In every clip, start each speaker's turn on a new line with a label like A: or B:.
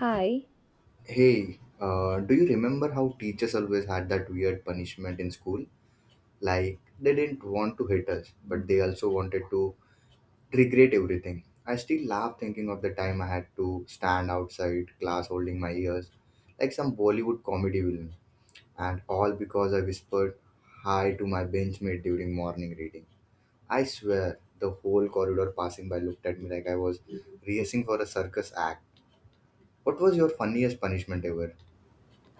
A: Hi.
B: Hey, do you remember how teachers always had that weird punishment in school? Like, they didn't want to hit us, but they also wanted to regret everything. I still laugh thinking of the time I had to stand outside class holding my ears, like some Bollywood comedy villain, and all because I whispered hi to my benchmate during morning reading. I swear, the whole corridor passing by looked at me like I was rehearsing for a circus act. What was your funniest punishment ever?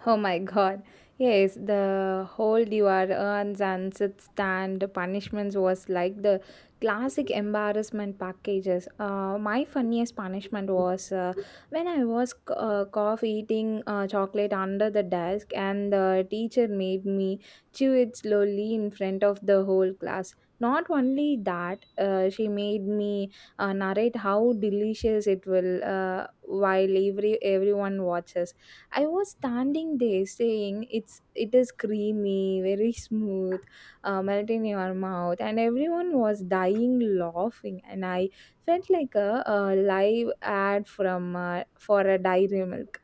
A: Oh my god. Yes, the whole devourance and sit stand punishments was like the classic embarrassment packages. My funniest punishment was when I was cough eating chocolate under the desk and the teacher made me chew it slowly in front of the whole class. Not only that, she made me narrate how delicious it will while everyone watches. I was standing there saying it is creamy, very smooth, melt in your mouth, and everyone was dying laughing, and I felt like a live ad from for a dairy milk.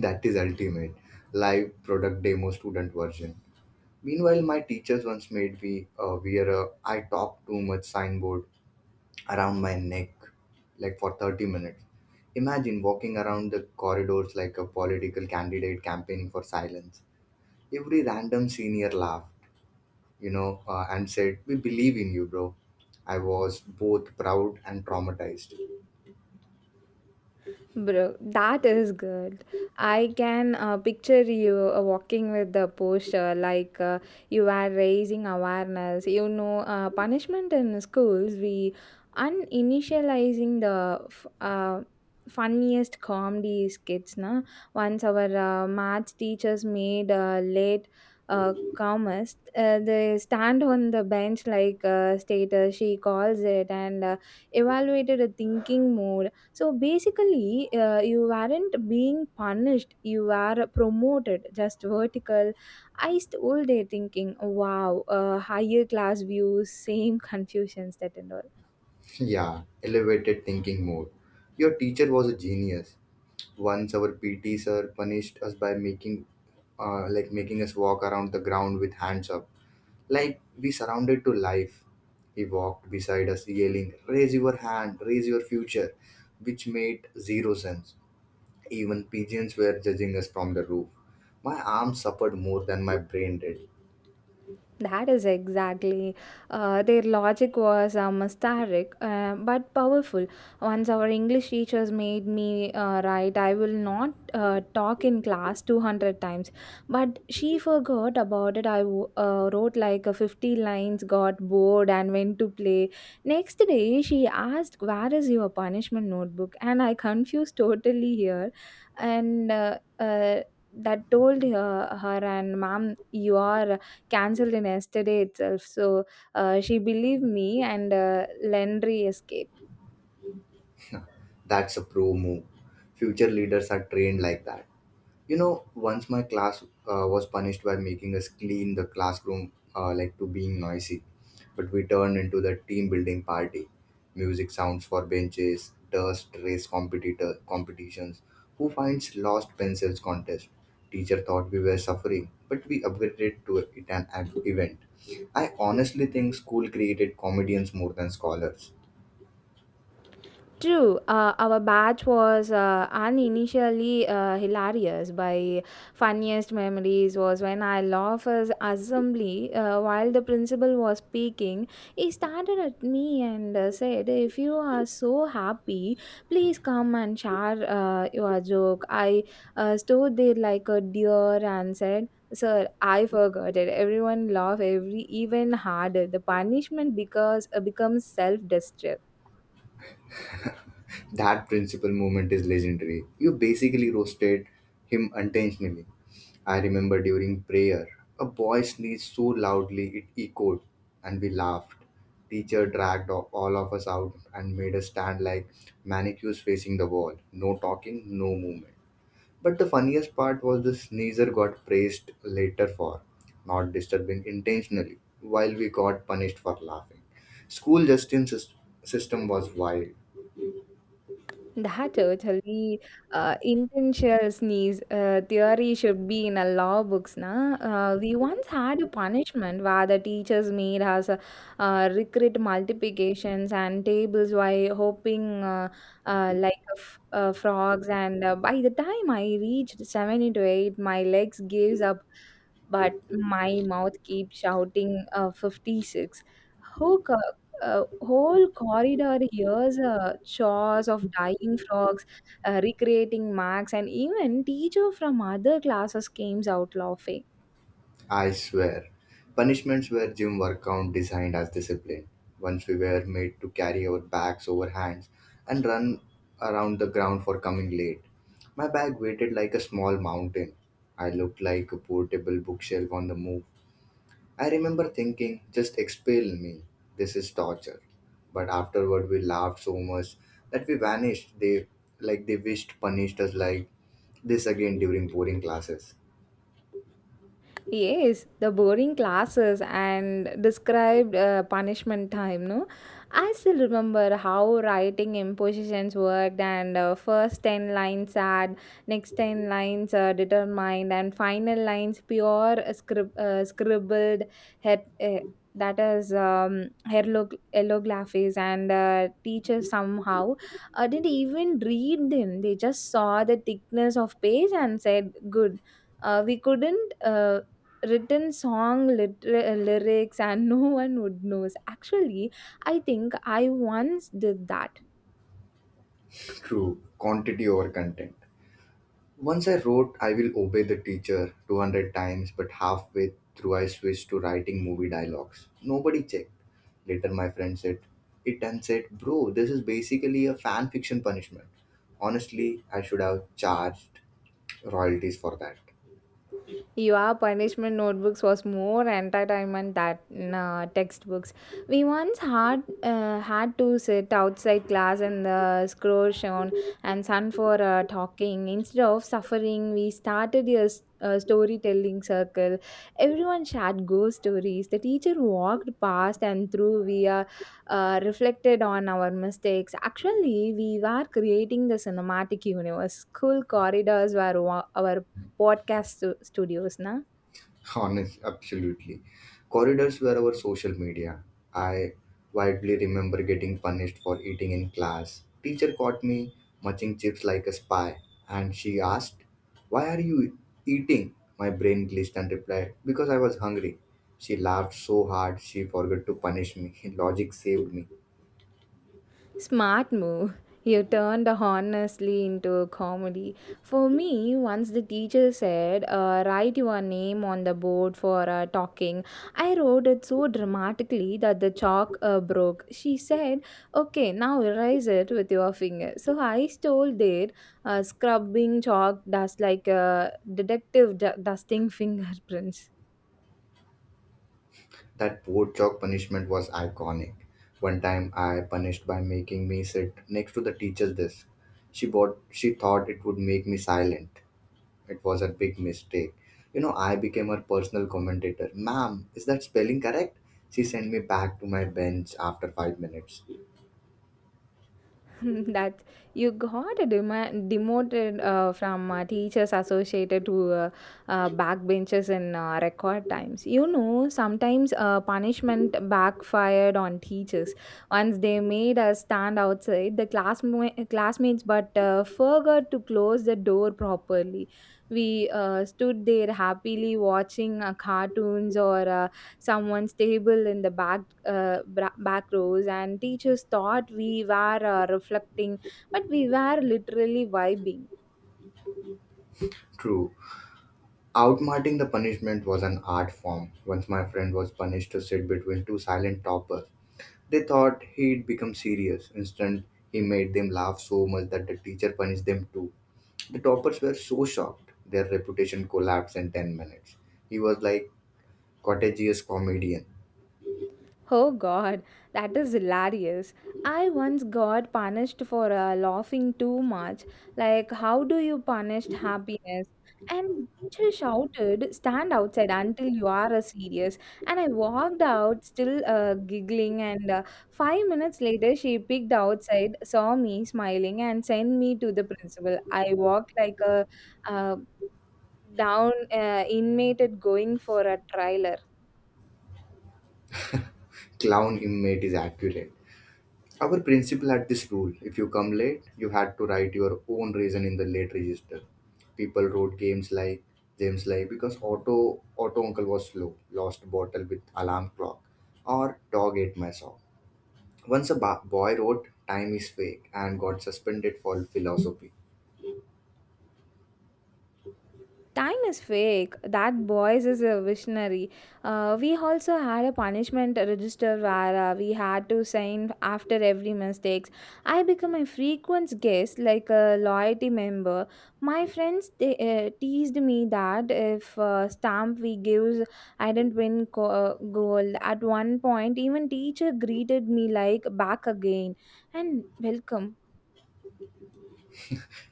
B: That is ultimate. Live product demo student version. Meanwhile, my teachers once made me wear a I talk too much signboard around my neck, like for 30 minutes. Imagine walking around the corridors like a political candidate campaigning for silence. Every random senior laughed, and said, we believe in you, bro. I was both proud and traumatized.
A: Bro, that is good. I can picture you walking with the posture like you are raising awareness. You know, punishment in schools, we uninitializing the funniest comedy skits. Na? Once our math teachers made late commerce, they stand on the bench like status, she calls it, and evaluated a thinking mode. So basically, you weren't being punished, you were promoted, just vertical. I stood there thinking, wow, higher class views, same confusions that and all.
B: Yeah, elevated thinking mode. Your teacher was a genius. Once our PT sir punished us by making like making us walk around the ground with hands up. Like we surrounded to life. He walked beside us yelling, raise your hand, raise your future, which made zero sense. Even pigeons were judging us from the roof. My arm suffered more than my brain did.
A: That is exactly. Their logic was mysteric but powerful. Once our English teachers made me write, I will not talk in class 200 times. But she forgot about it. Wrote like 50 lines, got bored, and went to play. Next day, she asked, where is your punishment notebook? And I confused totally here. And that told her, her and mom, you are cancelled in yesterday itself. So she believed me and Landry escaped.
B: That's a pro move. Future leaders are trained like that. You know, once my class was punished by making us clean the classroom like to being noisy, but we turned into the team building party. Music sounds for benches, dust race competitor competitions, who finds lost pencils contest. Teacher thought we were suffering, but we upgraded to it an event. I honestly think school created comedians more than scholars.
A: True, our batch was uninitially hilarious. By funniest memories was when I laughed as assembly while the principal was speaking. He started at me and said, "If you are so happy, please come and share your joke." I stood there like a deer and said. Sir, I forgot it. Everyone laughed every even harder. The punishment because becomes self-destruct.
B: That principal moment is legendary. You basically roasted him intentionally. I remember during prayer, a boy sneezed so loudly it echoed, and we laughed. Teacher dragged all of us out and made us stand like mannequins facing the wall. No talking, no movement. But the funniest part was the sneezer got praised later for not disturbing intentionally, while we got punished for laughing. School system was wild.
A: That totally intentional sneeze theory should be in a law books. Na? We once had a punishment where the teachers made us recreate multiplications and tables while hoping frogs. And by the time I reached seven into eight, my legs gives up, but my mouth keeps shouting 56. Who co- a whole corridor hears chores of dying frogs, recreating marks, and even teacher from other classes came out laughing.
B: I swear. Punishments were gym workout designed as discipline. Once we were made to carry our bags over hands and run around the ground for coming late. My bag weighted like a small mountain. I looked like a portable bookshelf on the move. I remember thinking, just expel me. This is torture. But afterward we laughed so much that we vanished. They wished punished us like this again during boring classes.
A: Yes, the boring classes and described punishment time, no? I still remember how writing impositions worked. And first 10 lines add, next 10 lines determined and final lines pure scribbled her- uh, that is hieroglyphics. And teachers somehow didn't even read them. They just saw the thickness of page and said, good. We couldn't written song lyrics and no one would knows actually. I think I once did that.
B: True. Quantity over content. Once I wrote I Will Obey the Teacher 200 times, but halfway through I switched to writing movie dialogues. Nobody checked. Later, my friend said it and said, bro, this is basically a fan fiction punishment. Honestly, I should have charged royalties for that.
A: Your punishment notebooks was more entertainment than textbooks. We once had to sit outside class in the scorch on and sun for talking. Instead of suffering, we started a storytelling circle. Everyone shared ghost stories. The teacher walked past and through. We reflected on our mistakes. Actually, we were creating the cinematic universe. School corridors were our podcast studios, na.
B: Honest, absolutely. Corridors were our social media. I vividly remember getting punished for eating in class. Teacher caught me munching chips like a spy, and she asked, "Why are you eating?" My brain glitched and replied, "Because I was hungry." She laughed so hard she forgot to punish me. Logic saved me.
A: Smart move. You turned the honestly into a comedy. For me, once the teacher said, write your name on the board for talking. I wrote it so dramatically that the chalk broke. She said, okay, now erase it with your finger. So I stole it, scrubbing chalk dust like a detective dusting fingerprints.
B: That board chalk punishment was iconic. One time, I punished by making me sit next to the teacher's desk. She bought. She thought it would make me silent. It was a big mistake. You know, I became her personal commentator. Ma'am, is that spelling correct? She sent me back to my bench after 5 minutes.
A: That you got a demoted from teachers associated to backbenchers in record times. You know, sometimes punishment backfired on teachers. Once they made us stand outside the classmates, but forgot to close the door properly. We stood there happily watching cartoons or someone's table in the back back rows, and teachers thought we were reflecting, but we were literally vibing.
B: True. Outsmarting the punishment was an art form. Once my friend was punished to sit between two silent toppers. They thought he'd become serious. Instead, he made them laugh so much that the teacher punished them too. The toppers were so shocked, their reputation collapsed in 10 minutes. He was like cottageous comedian.
A: Oh god, that is hilarious. I once got punished for laughing too much. Like, how do you punish happiness? And teacher shouted, "Stand outside until you are serious." And I walked out, still giggling. And 5 minutes later, she picked outside, saw me smiling, and sent me to the principal. I walked like a uh, down inmate going for a trial.
B: Clown him mate is accurate. Our principal had this rule if you come late, you had to write your own reason in the late register. People wrote games like James like because auto uncle was slow, lost bottle with alarm clock, or dog ate my sock. Once a boy wrote time is fake and got suspended for philosophy.
A: Time is fake. That boys is a visionary. We also had a punishment register where we had to sign after every mistakes. I become a frequent guest, like a loyalty member. My friends they teased me that if stamp we gives, I didn't win gold. At one point, even teacher greeted me like back again and welcome.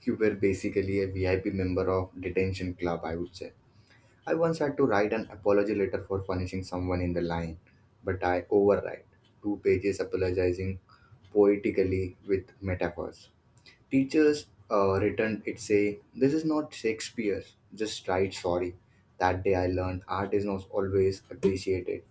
B: You were basically a VIP member of detention club, I would say. I once had to write an apology letter for punishing someone in the line, but I overwrite two pages apologizing poetically with metaphors. Teachers returned it saying, this is not Shakespeare's, just write sorry. That day I learned art is not always appreciated.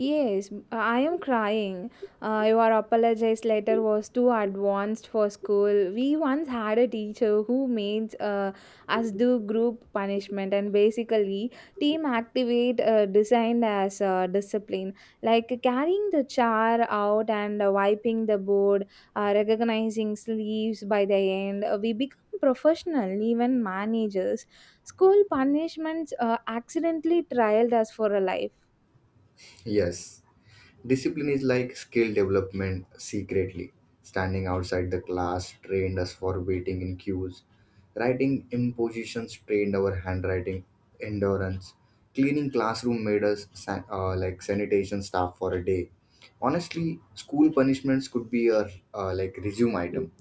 A: Yes, I am crying. Your apologize letter was too advanced for school. We once had a teacher who made us do group punishment, and basically team activate designed as discipline, like carrying the chair out and wiping the board, recognizing sleeves by the end. We become professional, even managers. School punishments accidentally trialed us for a life.
B: Yes, discipline is like skill development secretly. Standing outside the class trained us for waiting in queues. Writing impositions trained our handwriting endurance. Cleaning classroom made us like sanitation staff for a day. Honestly, school punishments could be a like resume item.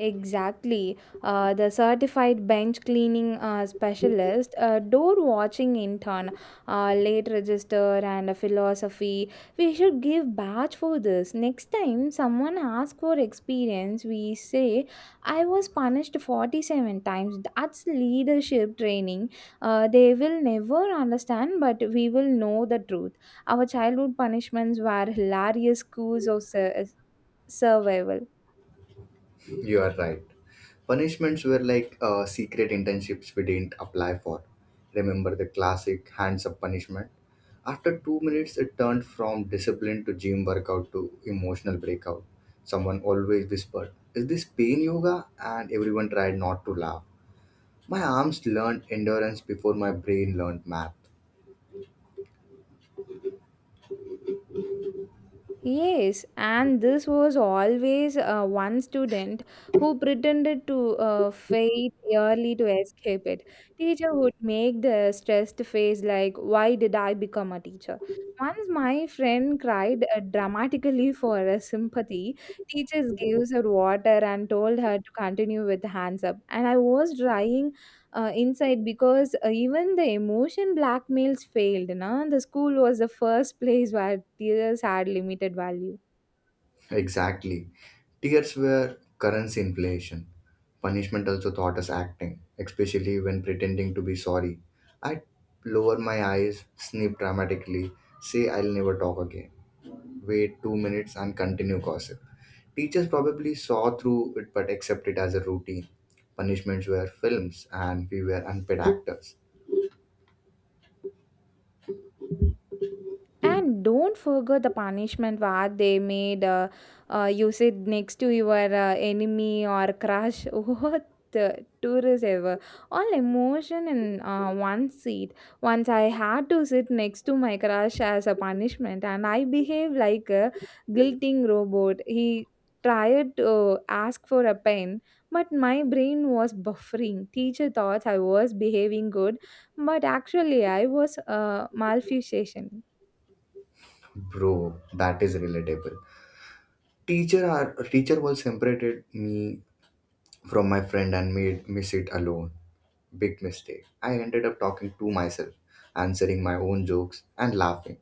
A: Exactly. The certified bench cleaning specialist, a door watching intern, a late register, and a philosophy. We should give badge for this. Next time someone asks for experience, we say, I was punished 47 times. That's leadership training. They will never understand, but we will know the truth. Our childhood punishments were hilarious schools of survival.
B: You are right. Punishments were like secret internships we didn't apply for. Remember the classic hands up punishment? After 2 minutes, it turned from discipline to gym workout to emotional breakout. Someone always whispered, is this pain yoga? And everyone tried not to laugh. My arms learned endurance before my brain learned math.
A: Yes, and this was always one student who pretended to faint early to escape it. Teacher would make the stressed face like, "Why did I become a teacher?" Once my friend cried dramatically for a sympathy. Teachers gave her water and told her to continue with hands up. And I was trying inside because even the emotion blackmails failed. Na? The school was the first place where tears had limited value.
B: Exactly. Tears were currency inflation. Punishment also taught us acting, especially when pretending to be sorry. I'd lower my eyes, sniff dramatically, say I'll never talk again, wait 2 minutes, and continue gossip. Teachers probably saw through it but accepted it as a routine. Punishments were films and we were unpaid actors.
A: And don't forget the punishment what they made you sit next to your enemy or crush. What the tourist ever. All emotion in one seat. Once I had to sit next to my crush as a punishment, and I behaved like a guilting robot. He tried to ask for a pen, but my brain was buffering. Teacher thought I was behaving good, but actually I was malfusation.
B: Bro, that is relatable. Teacher was separated me from my friend and made me sit alone. Big mistake. I ended up talking to myself, answering my own jokes and laughing.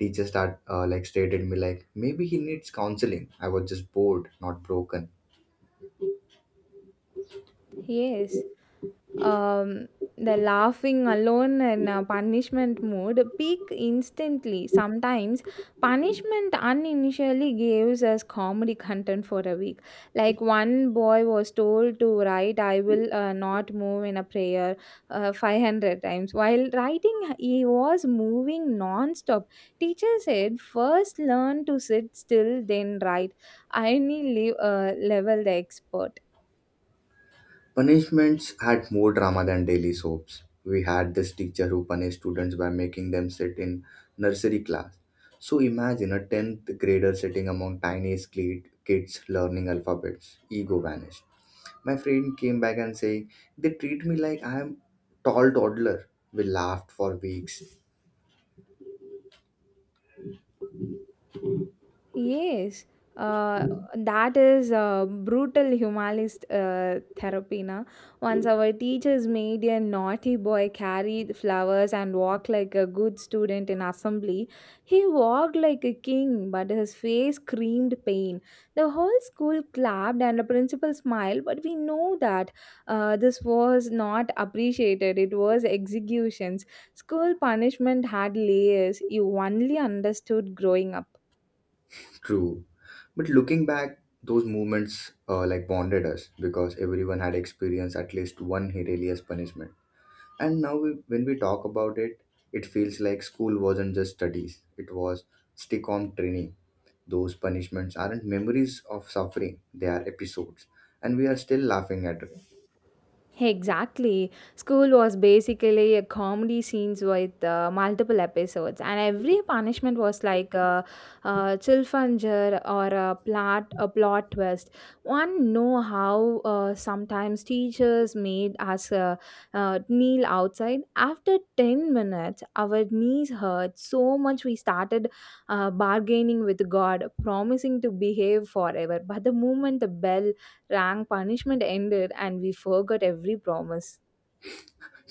B: Teacher start like stated me like maybe he needs counseling. I was just bored, not broken.
A: Yes, um, the laughing alone and punishment mood peak instantly. Sometimes punishment uninitially gives us comedy content for a week. Like one boy was told to write, I will not move in a prayer 500 times. While writing, he was moving non-stop. Teacher said, "First learn to sit still, then write. I need leave, level the expert."
B: Punishments had more drama than daily soaps. We had this teacher who punished students by making them sit in nursery class. So imagine a 10th grader sitting among tiny kids learning alphabets. Ego vanished. My friend came back and saying, they treat me like I am tall toddler. We laughed for weeks.
A: Yes, uh, that is brutal humanist therapy. Na? Once our teachers made a naughty boy carry the flowers and walk like a good student in assembly, he walked like a king, but his face screamed pain. The whole school clapped and the principal smiled, but we know that this was not appreciated. It was executions. School punishment had layers you only understood growing up.
B: True. But looking back, those moments like bonded us because everyone had experienced at least one hilarious punishment. And now, when we talk about it, it feels like school wasn't just studies, it was stick on training. Those punishments aren't memories of suffering, they are episodes. And we are still laughing at it.
A: Exactly. School was basically a comedy scenes with multiple episodes, and every punishment was like a chilfanger or a plot twist. One know how sometimes teachers made us kneel outside. After 10 minutes, our knees hurt so much we started bargaining with God, promising to behave forever. But the moment the bell rank punishment ended and we forgot every promise.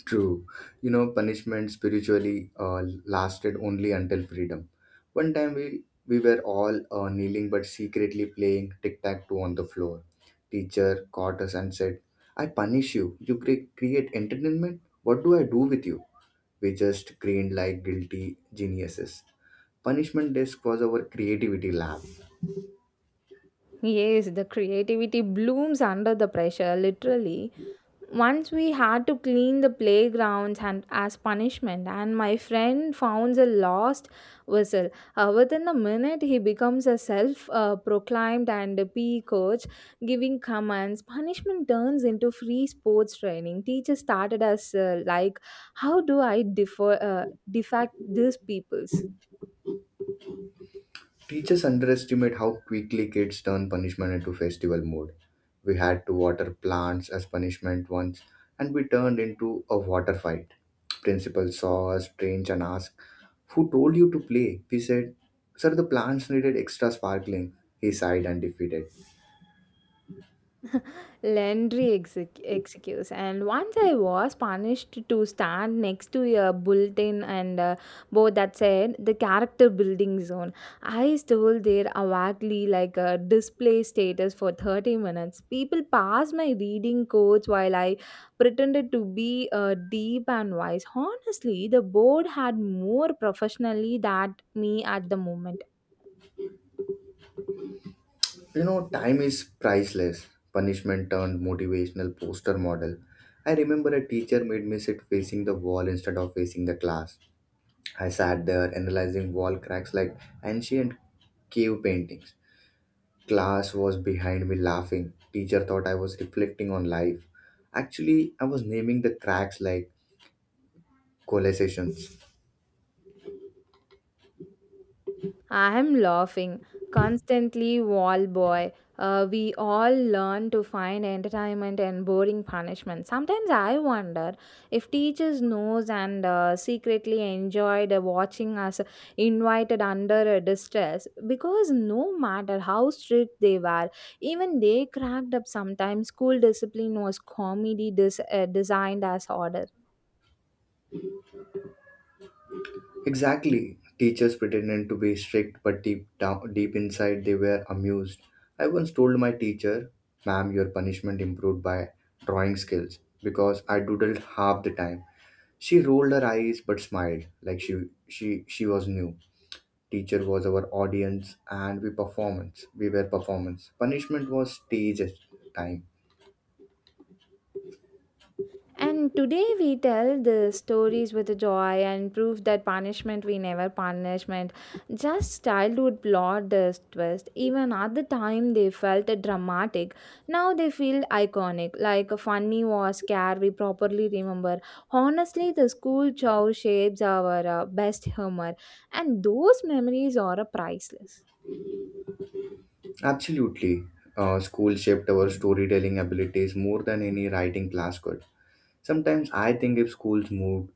B: True. You know, punishment spiritually lasted only until freedom. One time we were all kneeling but secretly playing tic tac toe on the floor. Teacher caught us and said, I punish you. You create entertainment? What do I do with you? We just grinned like guilty geniuses. Punishment desk was our creativity lab.
A: Yes, the creativity blooms under the pressure, literally. Once we had to clean the playgrounds and as punishment, and my friend found a lost whistle. Within a minute he becomes a self proclaimed and a PE coach giving commands. Punishment turns into free sports training. Teachers started as like how do I differ defect these peoples?
B: Teachers underestimate how quickly kids turn punishment into festival mode. We had to water plants as punishment once, and we turned into a water fight. Principal saw us strange and asked, who told you to play? We said, sir, the plants needed extra sparkling. He sighed and defeated.
A: Landry excuse. And once I was punished to stand next to a bulletin and board that said the character building zone. I stole there awkwardly like a display status for 30 minutes. People passed my reading codes while I pretended to be deep and wise. Honestly, the board had more professionally than me at the moment.
B: You know, time is priceless. Punishment turned motivational poster model. I remember a teacher made me sit facing the wall instead of facing the class. I sat there analyzing wall cracks like ancient cave paintings. Class was behind me laughing. Teacher thought I was reflecting on life. Actually, I was naming the cracks like collisions.
A: I'm laughing. Constantly, wall boy. We all learn to find entertainment and boring punishment. Sometimes I wonder if teachers knows and secretly enjoyed watching us invited under a distress, because no matter how strict they were, even they cracked up. Sometimes school discipline was comedy designed as order.
B: Exactly. Teachers pretended to be strict, but deep down, deep inside, they were amused. I once told my teacher, "Ma'am, your punishment improved by drawing skills because I doodled half the time." She rolled her eyes but smiled, like she she she was new. Teacher was our audience, and we were performance. Punishment was stage at time.
A: And today we tell the stories with joy and prove that punishment we never punishment. Just childhood plot this twist. Even at the time they felt dramatic. Now they feel iconic, like a funny or scare we properly remember. Honestly, the school chow shapes our best humor, and those memories are priceless.
B: Absolutely. School shaped our storytelling abilities more than any writing class could. Sometimes I think if schools moved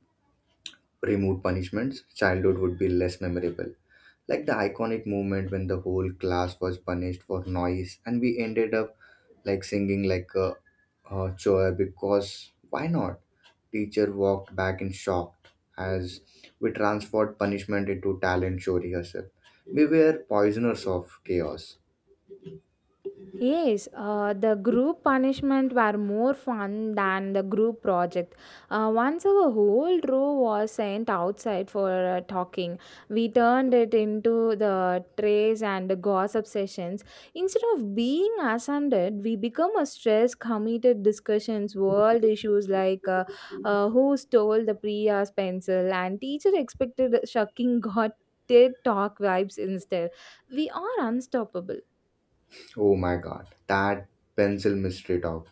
B: removed punishments, childhood would be less memorable. Like the iconic moment when the whole class was punished for noise, and we ended up like singing like a choir because why not? Teacher walked back in shock as we transferred punishment into talent show rehearsal. We were poisoners of chaos.
A: Yes, the group punishment were more fun than the group project. Once our whole row was sent outside for talking, we turned it into the trays and the gossip sessions. Instead of being ascended, we become a stress committed discussions, world issues like who stole the Priya's pencil and teacher expected shocking got TED talk vibes instead. We are unstoppable.
B: Oh my god, that pencil mystery talk.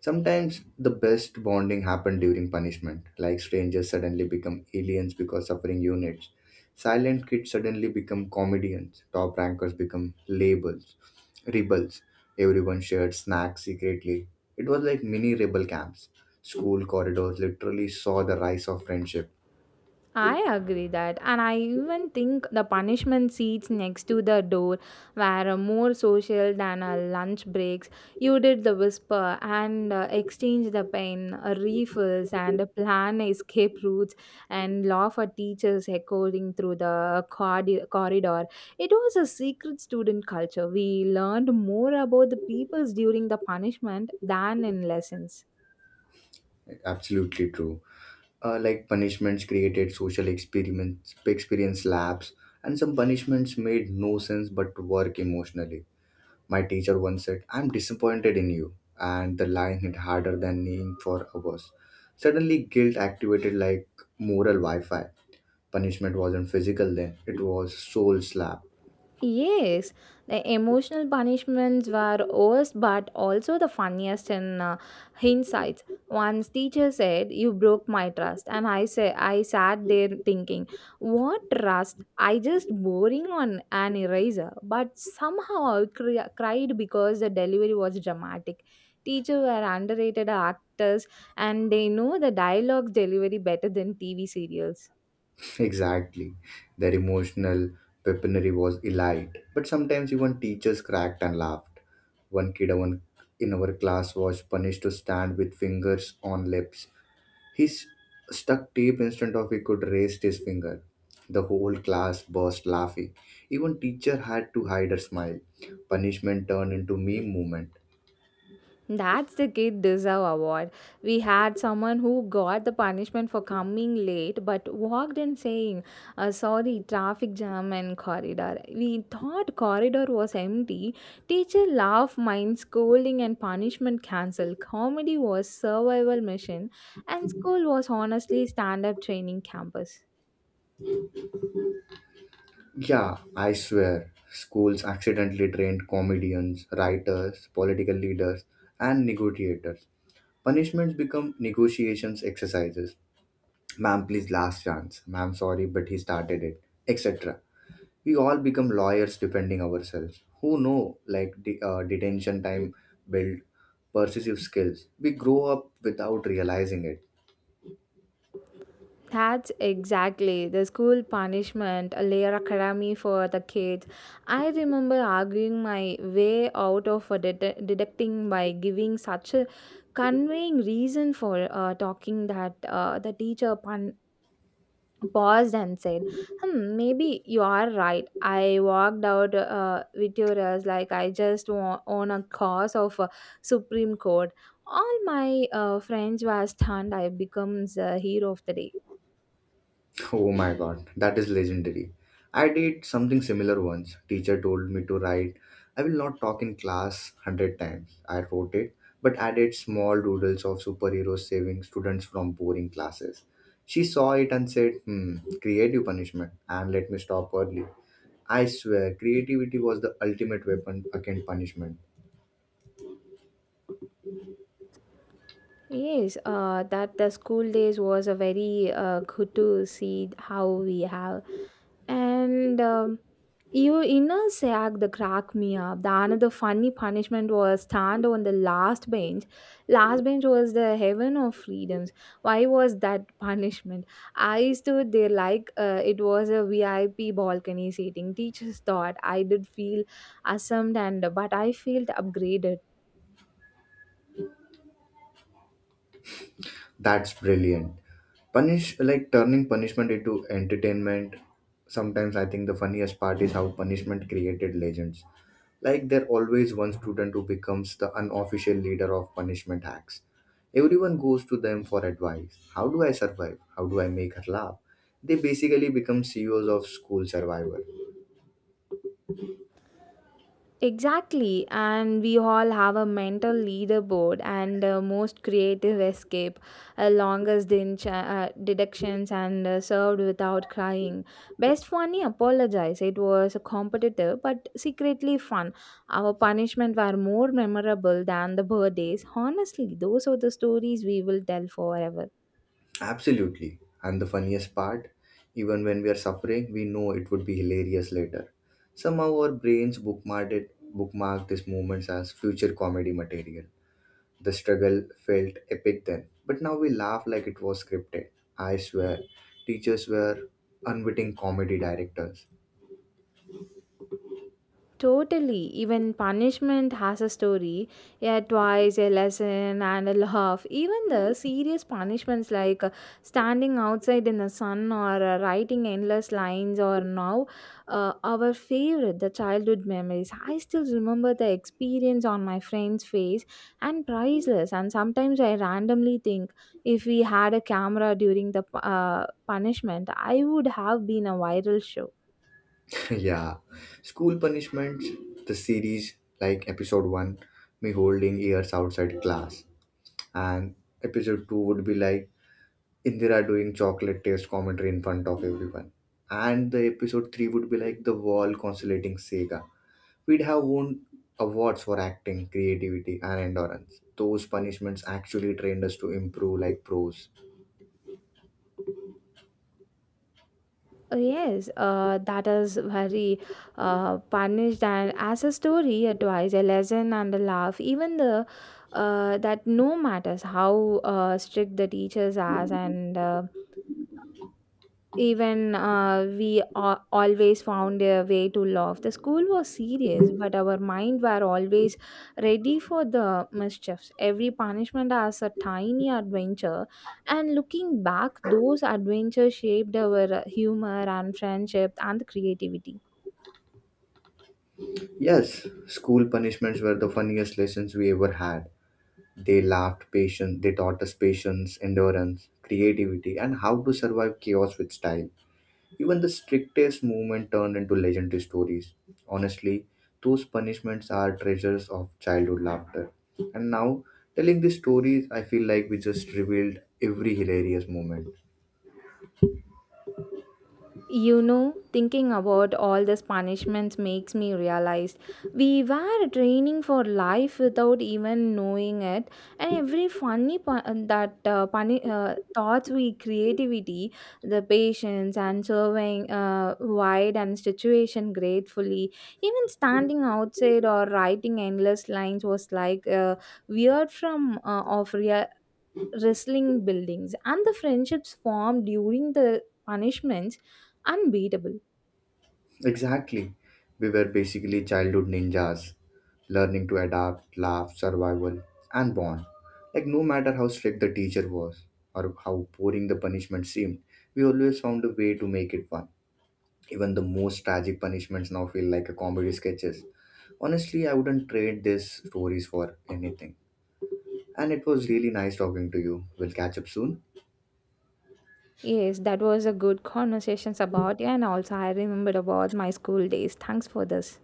B: Sometimes the best bonding happened during punishment, like strangers suddenly become aliens because suffering units. Silent kids suddenly become comedians, top rankers become labels, rebels. Everyone shared snacks secretly. It was like mini rebel camps. School corridors literally saw the rise of friendship.
A: I agree that, and I even think the punishment seats next to the door were more social than our lunch breaks. You did the whisper and exchange the pen, refills, and plan escape routes, and laugh at teachers echoing through the corridor. It was a secret student culture. We learned more about the peoples during the punishment than in lessons.
B: Absolutely true. Like punishments created social experiments, experience labs, and some punishments made no sense but work emotionally. My teacher once said, I'm disappointed in you. And the line hit harder than kneeing for hours. Suddenly, guilt activated like moral Wi Fi. Punishment wasn't physical then, it was soul slap.
A: Yes, the emotional punishments were worse but also the funniest in hindsight. Once teacher said, "You broke my trust," and I sat there thinking, "What trust? I just boring on an eraser." But somehow I cried because the delivery was dramatic. Teacher were underrated actors, and they know the dialogue delivery better than TV serials.
B: Exactly. Their emotional weaponry was elite. But sometimes even teachers cracked and laughed. One kid one in our class was punished to stand with fingers on lips. He s- Stuck tape instead of he could raise his finger. The whole class burst laughing. Even teacher had to hide her smile. Punishment turned into meme movement.
A: That's the kid deserve award. We had someone who got the punishment for coming late but walked in saying, sorry, traffic jam and corridor. We thought corridor was empty. Teacher laughed, mind scolding and punishment cancelled. Comedy was survival mission and school was honestly stand-up training campus.
B: Yeah, I swear, schools accidentally trained comedians, writers, political leaders, and negotiators. Punishments become negotiations exercises. Ma'am, please, last chance. Ma'am, sorry, but he started it, etc. We all become lawyers defending ourselves who know like the detention time build persuasive skills we grow up without realizing it.
A: That's exactly the school punishment, a layer academy for the kids. I remember arguing my way out of a deducting by giving such a conveying reason for talking that the teacher paused and said, hmm, maybe you are right. I walked out victorious like I just won a cause of a Supreme Court. All my friends were stunned. I becomes a hero of the day.
B: Oh my god, that is legendary. I did something similar once. Teacher told me to write, I will not talk in class 100 times. I wrote it, but added small doodles of superheroes saving students from boring classes. She saw it and said, hmm, creative punishment, and let me stop early. I swear, creativity was the ultimate weapon against punishment.
A: Yes, that the school days was a very good to see how we have, and you inner sack the crack me up. The another funny punishment was stand on the last bench. Last bench was the heaven of freedoms. Why was that punishment? I stood there like it was a VIP balcony seating. Teachers thought I did feel assumed and but I felt upgraded.
B: That's brilliant. Punish like turning punishment into entertainment. Sometimes I think the funniest part is how punishment created legends. Like there always one student who becomes the unofficial leader of punishment hacks. Everyone goes to them for advice. How do I survive? How do I make her laugh? They basically become CEOs of school survival.
A: Exactly, and we all have a mental leaderboard and most creative escape, longest deductions and served without crying. Best funny apologize. It was competitive but secretly fun. Our punishment were more memorable than the birthdays. Honestly, those are the stories we will tell forever.
B: Absolutely. And the funniest part, even when we are suffering, we know it would be hilarious later. Somehow our brains bookmarked it, bookmarked these moments as future comedy material. The struggle felt epic then, but now we laugh like it was scripted. I swear, teachers were unwitting comedy directors.
A: Totally. Even punishment has a story, a twice, a lesson, and a laugh. Even the serious punishments like standing outside in the sun or writing endless lines, or now our favorite, the childhood memories. I still remember the experience on my friend's face and priceless. And sometimes I randomly think if we had a camera during the punishment, I would have been a viral show.
B: Yeah. School punishments, the series like episode 1, me holding ears outside class, and episode 2 would be like Indira doing chocolate taste commentary in front of everyone. And the episode 3 would be like the wall consolating Sega. We'd have won awards for acting, creativity, and endurance. Those punishments actually trained us to improve like pros.
A: Oh, yes, that is very punished and as a story, advice, a lesson, and a laugh. Even the that no matters how strict the teachers are, and even we always found a way to laugh. The school was serious, but our mind were always ready for the mischiefs. Every punishment as a tiny adventure, and looking back, those adventures shaped our humor and friendship and creativity.
B: Yes, school punishments were the funniest lessons we ever had. They taught us patience, endurance, creativity, and how to survive chaos with style. Even the strictest movement turned into legendary stories. Honestly, those punishments are treasures of childhood laughter. And now, telling these stories, I feel like we just revealed every hilarious moment.
A: You know, thinking about all these punishments makes me realize we were training for life without even knowing it, and every funny thoughts we creativity, the patience and serving wide and situation gratefully, even standing outside or writing endless lines was like weird from of real wrestling buildings, and the friendships formed during the punishments unbeatable.
B: Exactly. We were basically childhood ninjas, learning to adapt, laugh, survival, and bond. Like, no matter how strict the teacher was or how boring the punishment seemed, we always found a way to make it fun. Even the most tragic punishments now feel like a comedy sketches. Honestly, I wouldn't trade these stories for anything. And it was really nice talking to you. We'll catch up soon.
A: Yes, that was a good conversations about and also I remembered about my school days. Thanks for this.